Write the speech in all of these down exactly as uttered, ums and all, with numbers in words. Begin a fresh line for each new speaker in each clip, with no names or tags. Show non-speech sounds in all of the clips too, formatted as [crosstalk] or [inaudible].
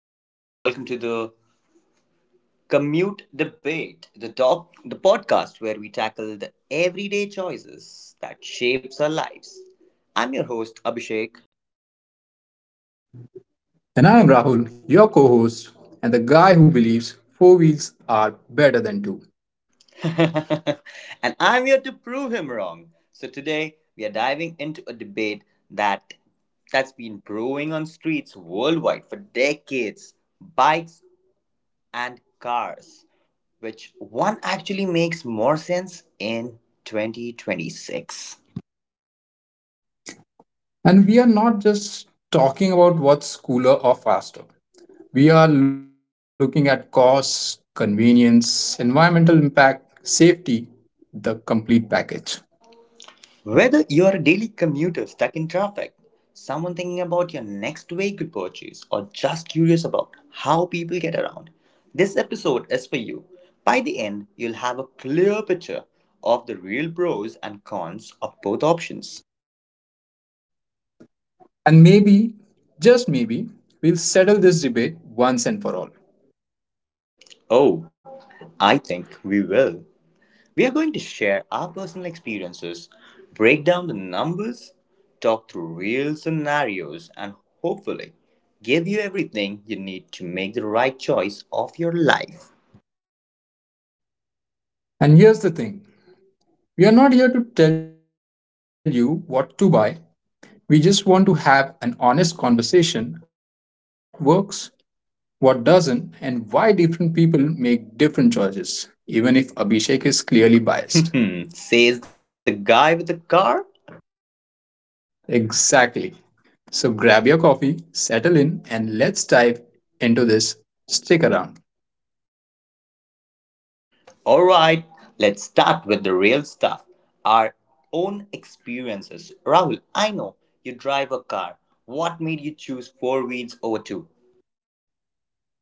Hey everyone, welcome to the Commute Debate, the top the podcast where we tackle the everyday choices that shapes our lives. I'm your host Abhishek.
And I am Rahul, your co host, and the guy who believes four wheels are better than two.
[laughs] And I'm here to prove him wrong. So today we are diving into a debate that that's been brewing on streets worldwide for decades, bikes and cars, which one actually makes more sense in twenty twenty-six.
And we are not just talking about what's cooler or faster. We are looking at cost, convenience, environmental impact, safety, the complete package.
Whether you're a daily commuter stuck in traffic, someone thinking about your next vehicle purchase, or just curious about how people get around, this episode is for you. By the end, you'll have a clear picture of the real pros and cons of both options.
And maybe, just maybe, we'll settle this debate once and for all.
Oh, I think we will. We are going to share our personal experiences, break down the numbers, talk through real scenarios, and hopefully give you everything you need to make the right choice of your life.
And here's the thing, we are not here to tell you what to buy. We just want to have an honest conversation about what works, what doesn't, and why different people make different choices, even if Abhishek is clearly
[laughs]
biased.
Says the guy with the car.
Exactly. So grab your coffee, settle in, and let's dive into this. Stick around.
Alright, let's start with the real stuff. Our own experiences. Rahul, I know you drive a car. What made you choose four wheels over two?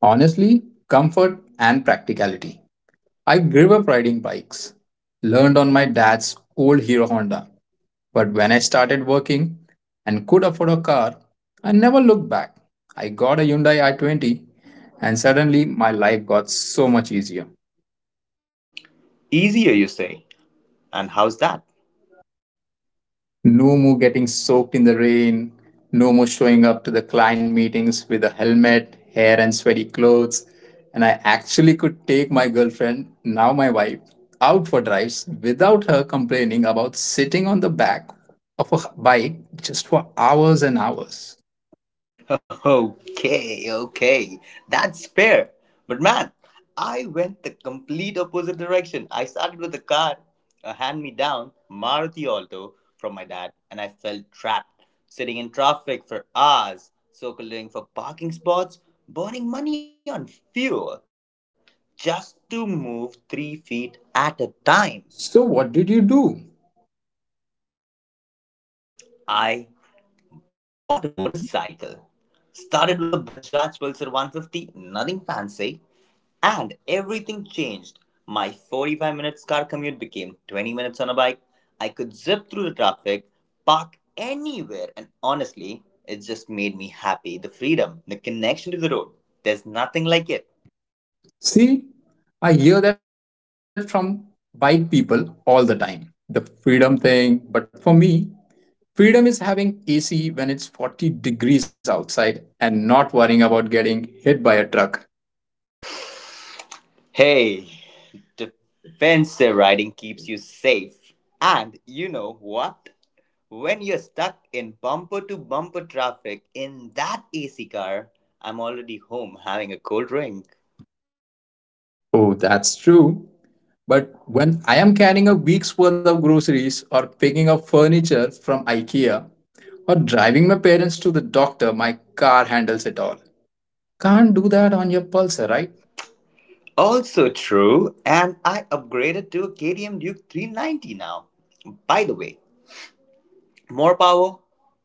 Honestly, comfort and practicality. I grew up riding bikes, learned on my dad's old Hero Honda. But when I started working and could afford a car, I never looked back. I got a Hyundai i twenty, and suddenly my life got so much easier.
Easier, you say. And how's that?
No more getting soaked in the rain. No more showing up to the client meetings with a helmet, hair, and sweaty clothes. And I actually could take my girlfriend, now my wife, out for drives without her complaining about sitting on the back of a bike just for hours and hours.
Okay, okay, that's fair. But man, I went the complete opposite direction. I started with a car, a hand me down Maruti Alto from my dad, and I felt trapped, sitting in traffic for hours, circling for parking spots, burning money on fuel, just to move three feet at a time.
So, what did you do?
I bought a motorcycle. Started with a Bajaj Pulsar one fifty, nothing fancy. And everything changed. My forty-five minutes car commute became twenty minutes on a bike. I could zip through the traffic, park anywhere, and honestly, it just made me happy. The freedom, the connection to the road, there's nothing like it.
See, I hear that from bike people all the time, the freedom thing. But for me, freedom is having A C when it's forty degrees outside and not worrying about getting hit by a truck.
Hey, defensive riding keeps you safe. And you know what? When you're stuck in bumper to bumper traffic in that A C car, I'm already home having a cold drink.
Oh, that's true. But when I am carrying a week's worth of groceries or picking up furniture from IKEA or driving my parents to the doctor, my car handles it all. Can't do that on your pulsar, right?
Also true, and I upgraded to a K T M Duke three ninety now. By the way, more power,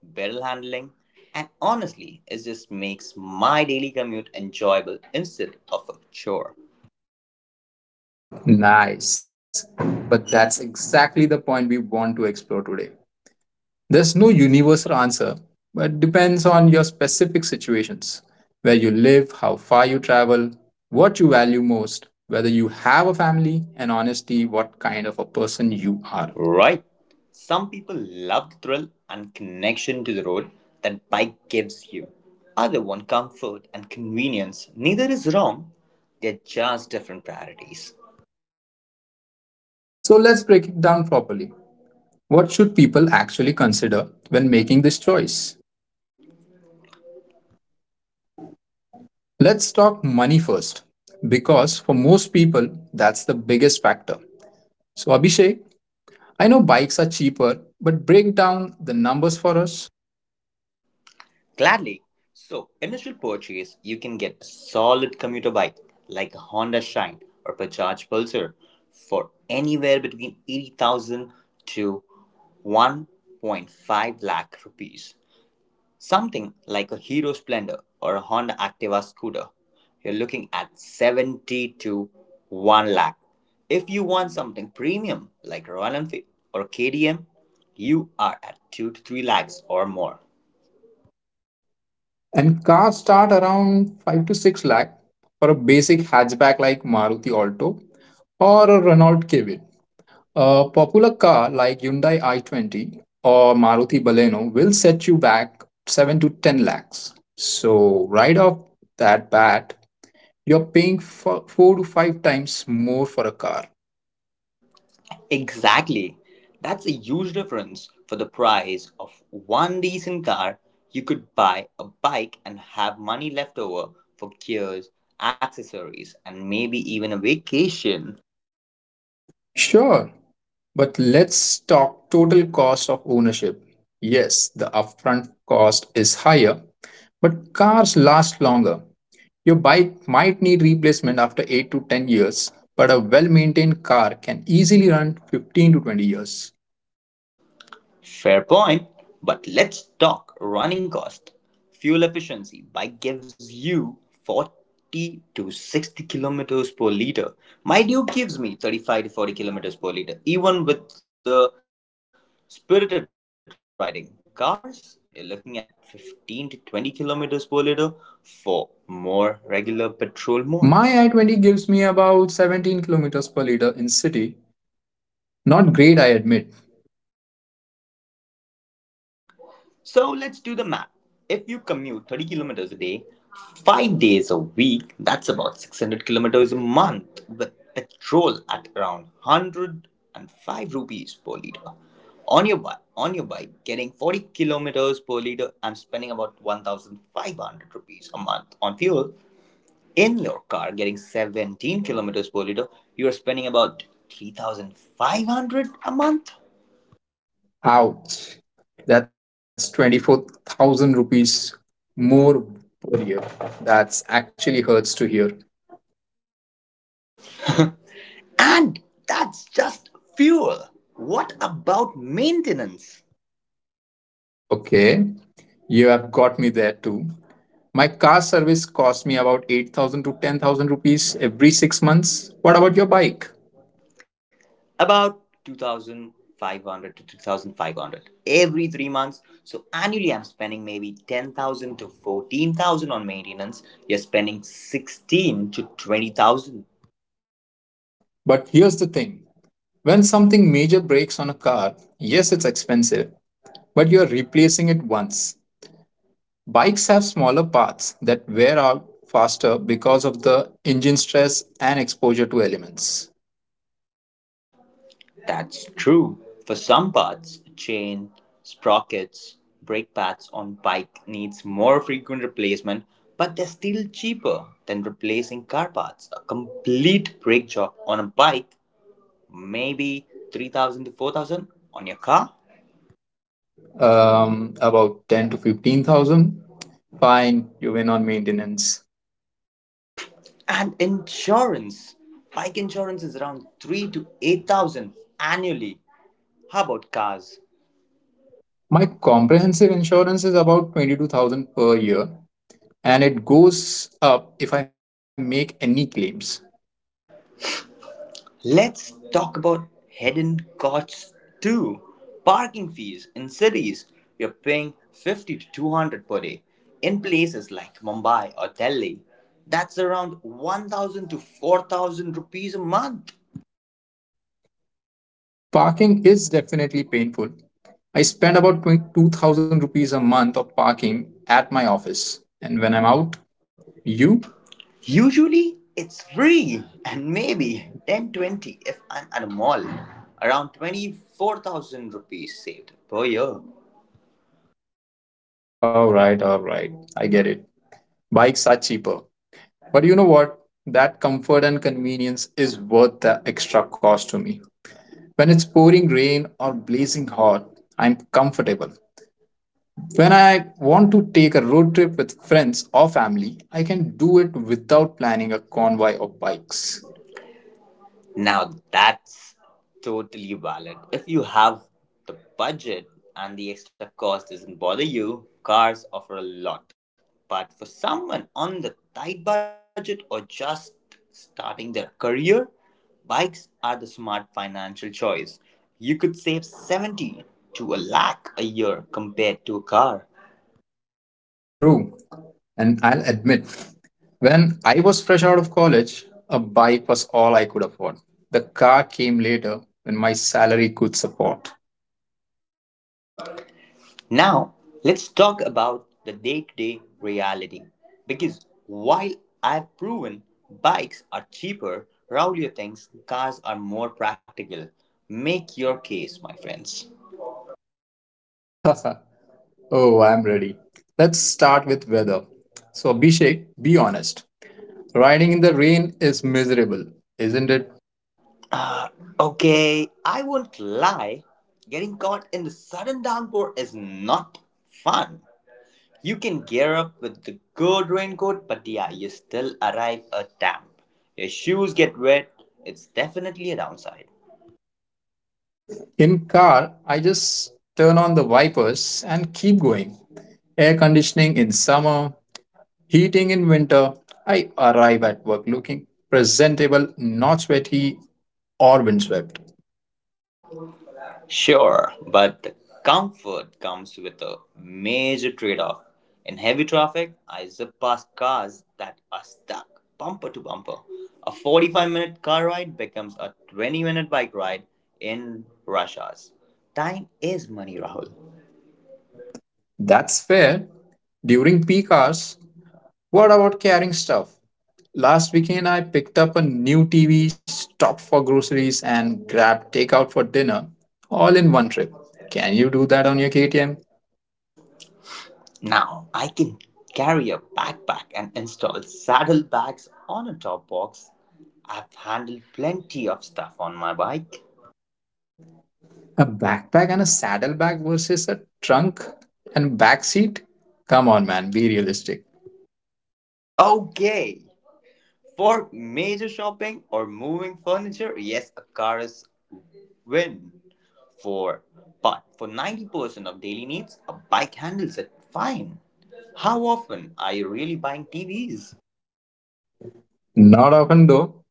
better handling, and honestly, it just makes my daily commute enjoyable instead of a chore.
Nice. But that's exactly the point we want to explore today. There's no universal answer, but depends on your specific situations, where you live, how far you travel, what you value most, whether you have a family, and honestly, what kind of a person you are.
Right? Some people love the thrill and connection to the road that bike gives you. Other want comfort and convenience. Neither is wrong, they're just different priorities.
So let's break it down properly. What should people actually consider when making this choice? Let's talk money first, because for most people, that's the biggest factor. So, Abhishek, I know bikes are cheaper, but break down the numbers for us.
Gladly. So, initial purchase, you can get a solid commuter bike like a Honda Shine or Bajaj Pulsar for anywhere between eighty thousand to one point five lakh rupees. Something like a Hero Splendor or a Honda Activa scooter, you're looking at seventy to one lakh. If you want something premium like Royal Enfield or K T M, you are at two to three lakhs or more.
And cars start around five to six lakh for a basic hatchback like Maruti Alto or a Renault Kiwi. A popular car like Hyundai i twenty or Maruti Baleno will set you back seven to ten lakhs. So, right off that bat, you're paying for four to five times more for a car.
Exactly. That's a huge difference. For the price of one decent car, you could buy a bike and have money left over for gears, accessories, and maybe even a vacation.
Sure, but let's talk total cost of ownership. Yes, the upfront cost is higher, but cars last longer. Your bike might need replacement after eight to ten years, but a well maintained car can easily run fifteen to twenty years.
Fair point, but let's talk running cost. Fuel efficiency bike gives you forty to sixty kilometers per liter. My Duke gives me thirty-five to forty kilometers per liter, even with the spirited riding. Cars, you're looking at fifteen to twenty kilometers per liter for more regular petrol
My
modes.
i twenty gives me about seventeen kilometers per liter in city. Not great, I admit.
So let's do the math. If you commute thirty kilometers a day, five days a week, that's about six hundred kilometers a month with petrol at around one hundred five rupees per liter. On your bike, on your bike, getting forty kilometers per liter, I'm spending about one thousand five hundred rupees a month on fuel. In your car, getting seventeen kilometers per liter, you are spending about three thousand five hundred a month.
Ouch. That's twenty-four thousand rupees more per year. That's actually hurts to hear.
And that's just fuel. What about maintenance?
Okay. You have got me there too. My car service costs me about eight thousand to ten thousand rupees every six months. What about your bike?
About two thousand five hundred to two thousand five hundred every three months. So annually I'm spending maybe ten thousand to fourteen thousand on maintenance. You're spending sixteen to twenty thousand.
But here's the thing, when something major breaks on a car, yes, it's expensive, but you're replacing it once. Bikes have smaller parts that wear out faster because of the engine stress and exposure to elements.
That's true for some parts: chain, sprockets, brake pads on bike needs more frequent replacement, but they're still cheaper than replacing car parts. A complete brake job on a bike maybe three thousand to four thousand on your car.
Um, about ten to fifteen thousand. Fine, you win on maintenance.
And insurance. Bike insurance is around three to eight thousand annually. How about cars?
My comprehensive insurance is about twenty-two thousand per year and it goes up if I make any claims.
Let's talk about hidden costs too. Parking fees in cities, you're paying fifty to two hundred per day. In places like Mumbai or Delhi, that's around one thousand to four thousand rupees a month.
Parking is definitely painful. I spend about twenty-two thousand rupees a month of parking at my office. And when I'm out, you?
Usually it's free and maybe ten twenty if I'm at a mall. Around twenty-four thousand rupees saved per year.
All right, all right. I get it. Bikes are cheaper. But you know what? That comfort and convenience is worth the extra cost to me. When it's pouring rain or blazing hot, I'm comfortable. When I want to take a road trip with friends or family, I can do it without planning a convoy of bikes.
Now that's totally valid. If you have the budget and the extra cost doesn't bother you, cars offer a lot. But for someone on the tight budget or just starting their career, bikes are the smart financial choice. You could save seventy to a lakh a year compared to a car.
True. And I'll admit, when I was fresh out of college, a bike was all I could afford. The car came later when my salary could support.
Now, let's talk about the day to day reality. Because while I've proven bikes are cheaper, Raulio thinks cars are more practical. Make your case, my friends.
[laughs] Oh, I'm ready. Let's start with weather. So, Abhishek, be honest. Riding in the rain is miserable, isn't it?
Uh, Okay, I won't lie, getting caught in the sudden downpour is not fun. You can gear up with the good raincoat, but yeah, you still arrive a damp. Your shoes get wet, it's definitely a downside.
In car, I just turn on the wipers and keep going. Air conditioning in summer, heating in winter. I arrive at work looking presentable, not sweaty or windswept.
Sure, but the comfort comes with a major trade off. In heavy traffic, I zip past cars that are stuck bumper to bumper. A forty-five minute car ride becomes a twenty minute bike ride in rush hours. Time is money, Rahul.
That's fair. During peak hours, what about carrying stuff? Last weekend, I picked up a new T V, stopped for groceries, and grabbed takeout for dinner all in one trip. Can you do that on your K T M?
Now I can carry a backpack and install saddlebags on a top box. I've handled plenty of stuff on my bike.
A backpack and a saddlebag versus a trunk and backseat? Come on, man, be realistic.
Okay, for major shopping or moving furniture, yes, a car is win for. But for ninety percent of daily needs, a bike handles it fine. How often are you really buying T Vs?
Not often, though.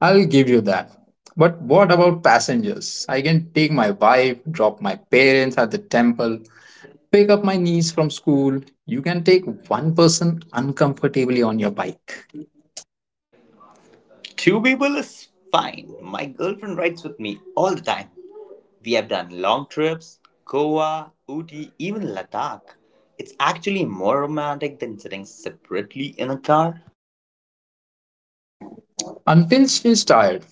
I'll give you that. But what about passengers? I can take my wife, drop my parents at the temple, pick up my niece from school. You can take one person uncomfortably on your bike
Two people is fine. My girlfriend rides with me all the time. We have done long trips, Goa, Uti, even Ladakh. It's actually more romantic than sitting separately in a car.
until she's tired,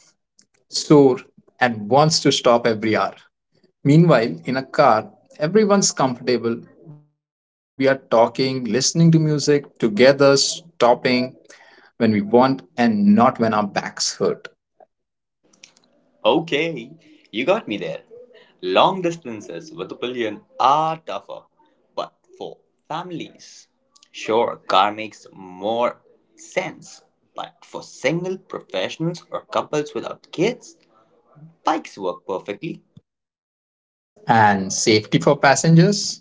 sore, and wants to stop every hour. Meanwhile, in a car, everyone's comfortable. We are talking, listening to music, together, stopping when we want and not when our backs hurt.
Okay, you got me there. Long distances with a billion are tougher, but for families, sure, car makes more sense. But for single professionals or couples without kids, bikes work perfectly.
And safety for passengers?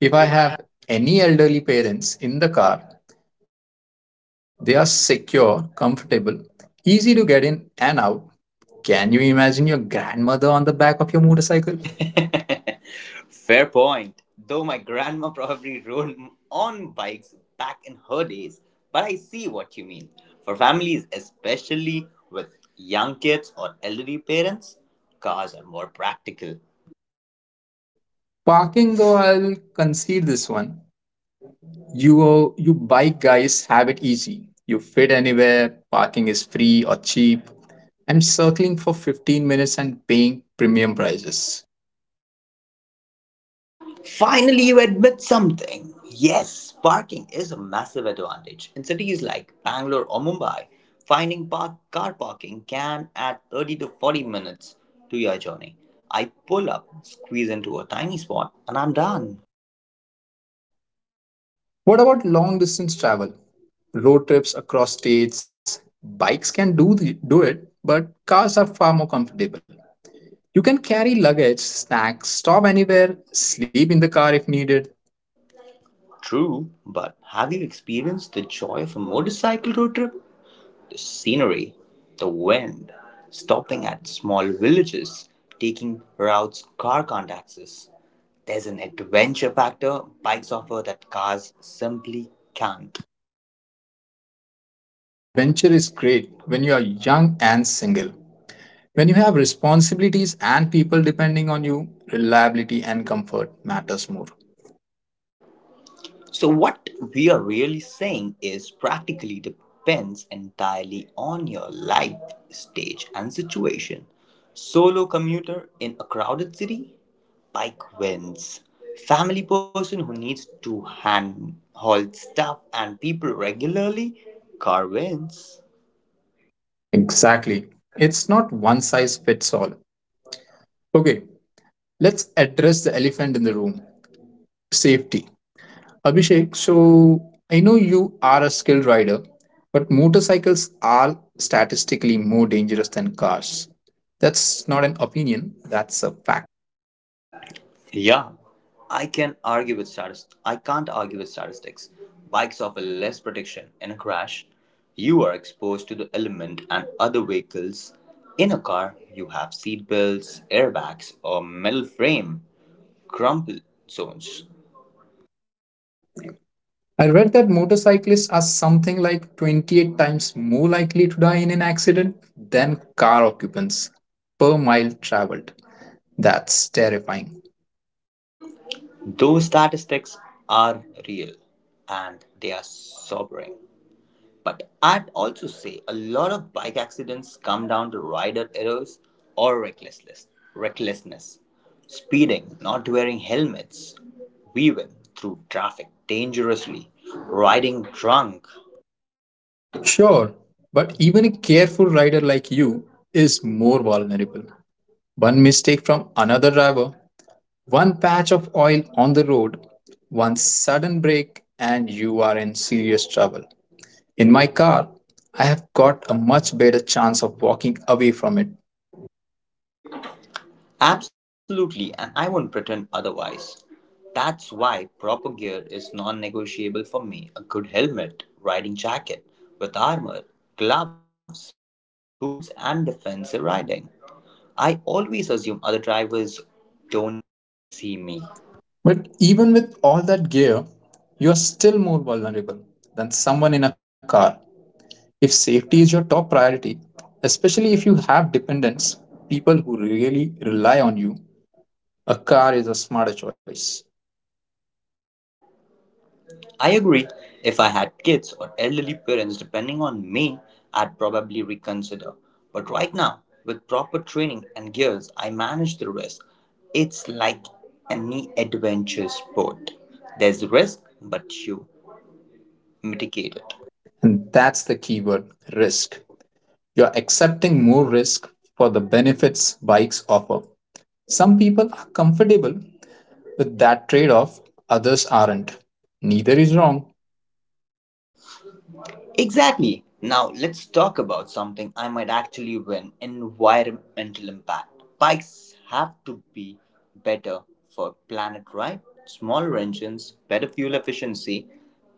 If I have any elderly parents in the car, they are secure, comfortable, easy to get in and out. Can you imagine your grandmother on the back of your motorcycle?
[laughs] Fair point. Though my grandma probably rode on bikes back in her days, but I see what you mean. For families, especially with young kids or elderly parents, cars are more practical.
Parking, though, I'll concede this one. You uh, you bike guys have it easy. You fit anywhere, parking is free or cheap. I'm circling for fifteen minutes and paying premium prices.
Finally, you admit something. Yes, parking is a massive advantage. In cities like Bangalore or Mumbai, finding park, car parking can add thirty to forty minutes to your journey. I pull up, squeeze into a tiny spot, and I'm done.
What about long distance travel? Road trips across states. Bikes can do the, do it, but cars are far more comfortable. You can carry luggage, snacks, stop anywhere, sleep in the car if needed.
True, but have you experienced the joy of a motorcycle road trip? The scenery, the wind, stopping at small villages, taking routes car can't access. There's an adventure factor bikes offer that cars simply can't.
Adventure is great when you are young and single. When you have responsibilities and people depending on you, reliability and comfort matters more.
So, what we are really saying is practically depends entirely on your life stage and situation. Solo commuter in a crowded city, bike wins. Family person who needs to hand haul stuff and people regularly, car wins.
Exactly. It's not one size fits all. Okay, let's address the elephant in the room, safety. Abhishek, so I know you are a skilled rider, but motorcycles are statistically more dangerous than cars. That's not an opinion, that's a fact.
Yeah, I can argue with statistics. I can't argue with statistics. Bikes offer less protection in a crash. You are exposed to the element and other vehicles. In a car, you have seat belts, airbags, or metal frame crumple zones.
I read that motorcyclists are something like twenty-eight times more likely to die in an accident than car occupants per mile traveled. That's terrifying.
Those statistics are real and they are sobering. But I'd also say a lot of bike accidents come down to rider errors or recklessness. Recklessness, speeding, not wearing helmets, weaving through traffic dangerously, riding drunk.
Sure, but even a careful rider like you is more vulnerable. One mistake from another driver, one patch of oil on the road, one sudden break, and you are in serious trouble. In my car, I have got a much better chance of walking away from it.
Absolutely, and I won't pretend otherwise. That's why proper gear is non negotiable for me. A good helmet, riding jacket with armor, gloves, boots, and defensive riding. I always assume other drivers don't see me.
But even with all that gear, you are still more vulnerable than someone in a car. If safety is your top priority, especially if you have dependents, people who really rely on you, a car is a smarter choice.
I agree. If I had kids or elderly parents depending on me, I'd probably reconsider. But right now, with proper training and gears, I manage the risk. It's like any adventure sport. There's risk, but you mitigate it.
And that's the key word, risk. You're accepting more risk for the benefits bikes offer. Some people are comfortable with that trade off, others aren't. Neither is wrong.
Exactly. Now let's talk about something I might actually win environmental impact. Bikes have to be better for planet, right? Smaller engines, better fuel efficiency,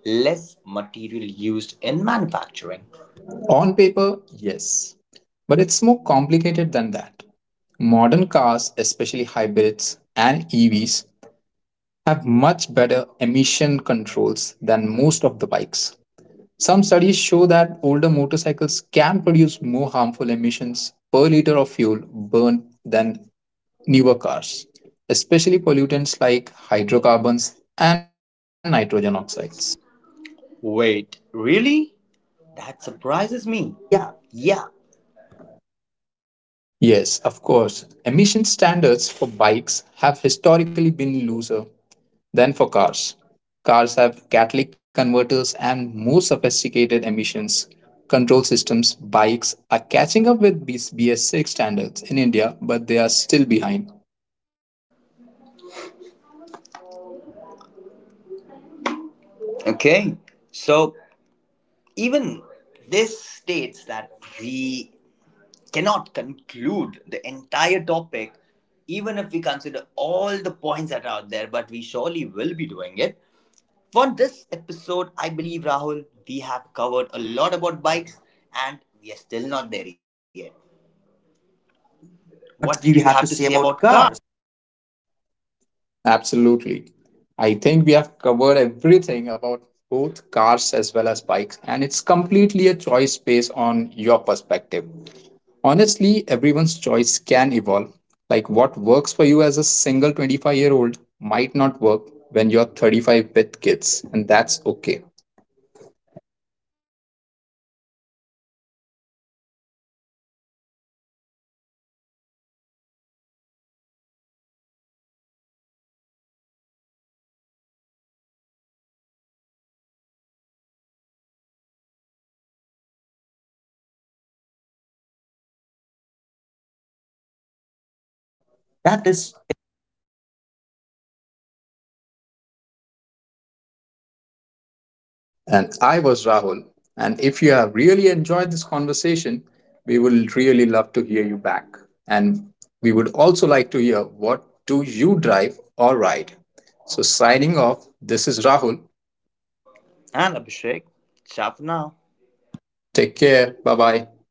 less material used in manufacturing.
On paper, yes. But it's more complicated than that. Modern cars, especially hybrids and E Vs, have much better emission controls than most of the bikes. Some studies show that older motorcycles can produce more harmful emissions per liter of fuel burned than newer cars, especially pollutants like hydrocarbons and nitrogen oxides.
Wait, really? That surprises me.
Yeah.
Yeah.
Yes, of course. Emission standards for bikes have historically been looser than for cars. Cars have catalytic converters and more sophisticated emissions control systems. Bikes are catching up with BS- B S six standards in India, but they are still behind.
Okay. So even this states that we cannot conclude the entire topic, even if we consider all the points that are out there, but we surely will be doing it. For this episode, I believe, Rahul, we have covered a lot about bikes and we are still not there yet. What do you
What do
have to
you
say
have to say
about cars?
about cars? Absolutely. I think we have covered everything about both cars as well as bikes, and it's completely a choice based on your perspective. Honestly, everyone's choice can evolve. Like what works for you as a single twenty-five year old might not work when you're thirty-five with kids, and that's okay.
Perfectly said. Now, it is your choice. What will you be prioritizing and how much you can afford? We have talked about the prices, the maintenance, the fuel cost, parking, hidden prices, everything. So now it is up to you to decide with our intel that which one are you going to prefer. That
That
is
is—
it for this episode. I was your host, Abhishek, and
And I was Rahul. And if you have really enjoyed this conversation, we would really love to hear you back. And we would also like to hear what do you drive or ride. So signing off, this is Rahul.
and Abhishek. Ciao for now.
Take care. Bye bye.